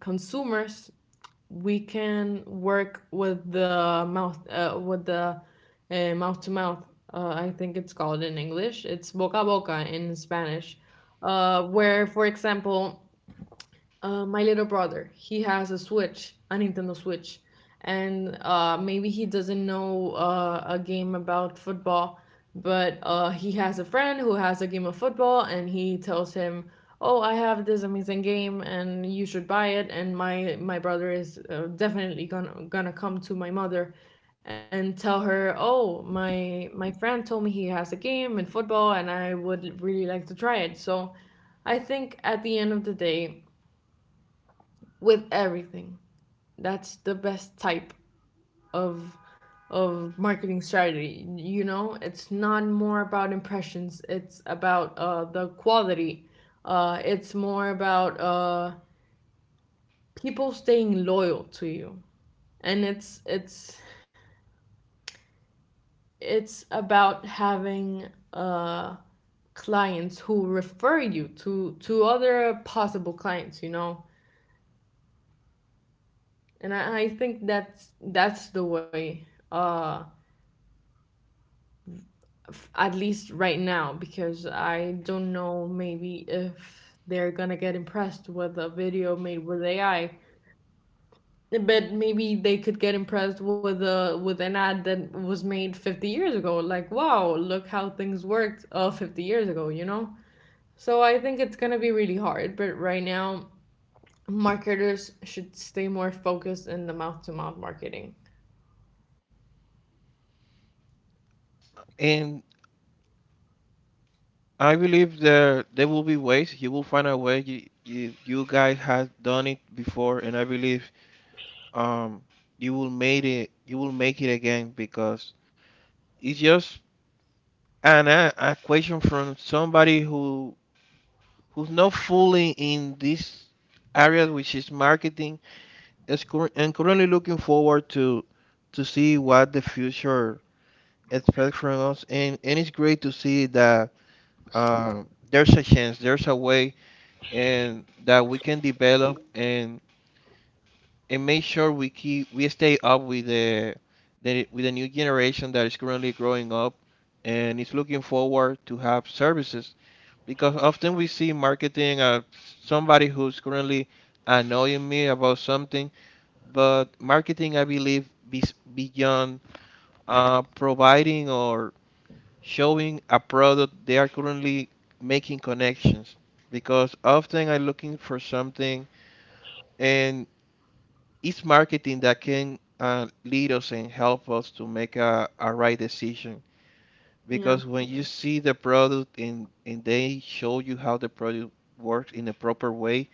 [SPEAKER 1] consumers, we can work with the mouth uh, with the uh, mouth to mouth. uh, I think it's called in English, it's boca a boca in Spanish. Uh, where for example, uh, my little brother, he has a Switch, a Nintendo Switch, and uh, maybe he doesn't know uh, a game about football, but uh, he has a friend who has a game of football, and he tells him, "Oh, I have this amazing game, and you should buy it." And my my brother is uh, definitely gonna gonna come to my mother and tell her, "Oh, my my friend told me he has a game in football, and I would really like to try it." So, I think at the end of the day, with everything, that's the best type of of marketing strategy. You know, it's not more about impressions. It's about uh, the quality. Uh, it's more about uh, people staying loyal to you, and it's it's it's about having uh, clients who refer you to to other possible clients. You know, and I, I think that's that's the way. Uh, f- at least right now, because I don't know, maybe if they're gonna get impressed with a video made with AI, but maybe they could get impressed with a with an ad that was made fifty years ago, like, wow, look how things worked uh fifty years ago, you know. So I think it's gonna be really hard, but right now marketers should stay more focused in the mouth to mouth marketing.
[SPEAKER 2] And I believe there there will be ways you will find a way you you, you guys have done it before and I believe um you will make it you will make it again because it's just an a, a question from somebody who who's not fully in this area, which is marketing, is cur- and currently looking forward to to see what the future expects from us. And and it's great to see that uh, there's a chance, there's a way, and that we can develop and and make sure we keep we stay up with the, the with the new generation that is currently growing up and is looking forward to have services because often we see marketing uh, somebody who's currently annoying me about something but marketing I believe is beyond uh, providing or showing a product they are currently making connections because often I'm looking for something and it's marketing that can uh, lead us and help us to make a, a right decision
[SPEAKER 1] Yeah,
[SPEAKER 2] because when you see the product and, and they show you how the product works in a proper way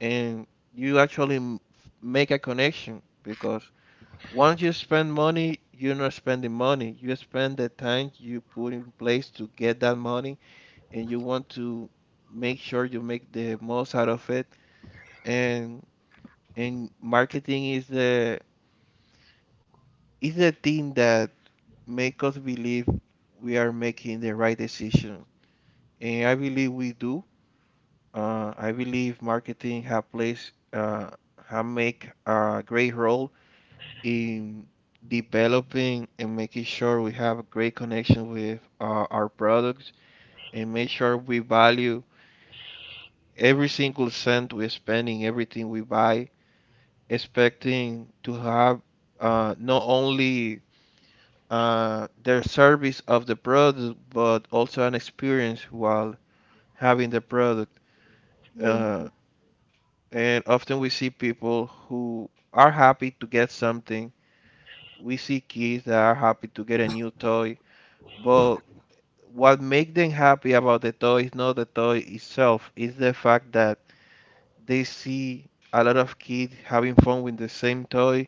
[SPEAKER 2] and you actually m- make a connection because once you spend money, you're not spending money. You spend the time you put in place to get that money, and you want to make sure you make the most out of it. And and marketing is the is the thing that make us believe we are making the right decision. And I believe we do. Uh, I believe marketing have plays uh, have make a great role in developing and making sure we have a great connection with uh, our products and make sure we value every single cent we spend in everything we buy, expecting to have uh, not only uh, their service of the product but also an experience while having the product.
[SPEAKER 1] yeah,
[SPEAKER 2] Uh, and often we see people who are happy to get something. We see kids that are happy to get a new toy but what make them happy about the toy is not the toy itself, it's the fact that they see a lot of kids having fun with the same toy,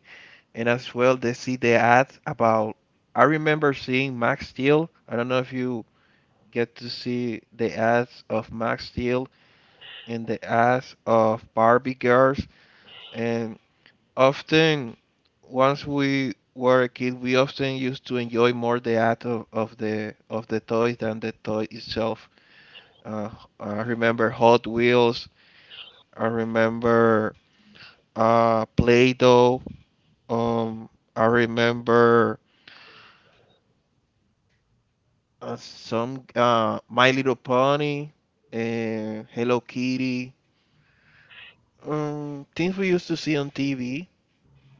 [SPEAKER 2] and as well they see the ads about. I remember seeing Max Steel. I don't know if you get to see the ads of Max Steel and the ads of Barbie girls, and often once we were a kid, we often used to enjoy more the ad of, of the of the toy than the toy itself. Uh, I remember Hot Wheels. I remember uh, Play-Doh. Um, I remember uh, some uh, My Little Pony and Hello Kitty. Um, things we used to see on T V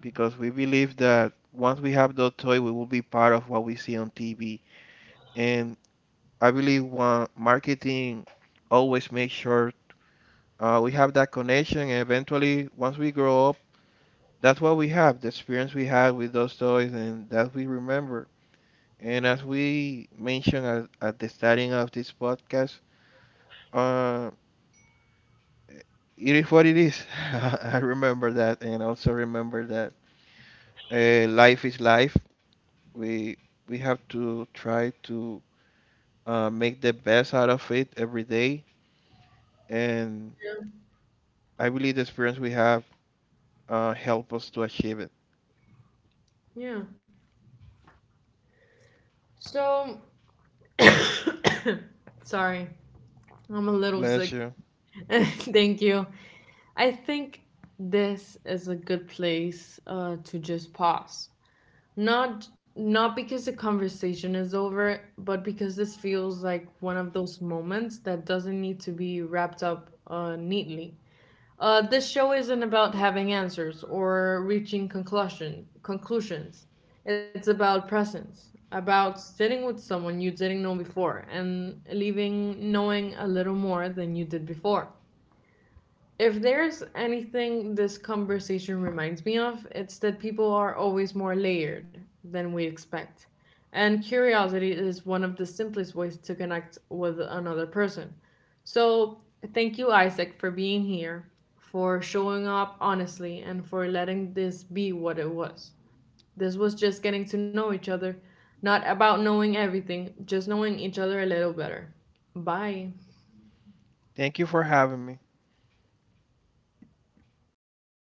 [SPEAKER 2] because we believe that once we have those toy, we will be part of what we see on T V. And I believe one, marketing always makes sure uh, we have that connection. And eventually, once we grow up that's what we have, the experience we had with those toys, and that we remember. And as we mentioned at, at the starting of this podcast, uh, it is what it is. I remember that, and also remember that uh, life is life. We we have to try to uh, make the best out of it every day, and
[SPEAKER 1] yeah,
[SPEAKER 2] I believe the experience we have uh, help us to achieve it.
[SPEAKER 1] yeah. So, sorry, I'm a little
[SPEAKER 2] Bless
[SPEAKER 1] sick.
[SPEAKER 2] you.
[SPEAKER 1] Thank you. I think this is a good place uh, to just pause. Not not because the conversation is over, but because this feels like one of those moments that doesn't need to be wrapped up uh, neatly. Uh, this show isn't about having answers or reaching conclusion conclusions. It's about presence, about sitting with someone you didn't know before and leaving knowing a little more than you did before. If there's anything this conversation reminds me of, it's that people are always more layered than we expect. And curiosity is one of the simplest ways to connect with another person. So, thank you, Isaac, for being here, for showing up honestly, and for letting this be what it was. This was just getting to know each other, not about knowing everything, just knowing each other a little better. Bye.
[SPEAKER 2] Thank you for having me.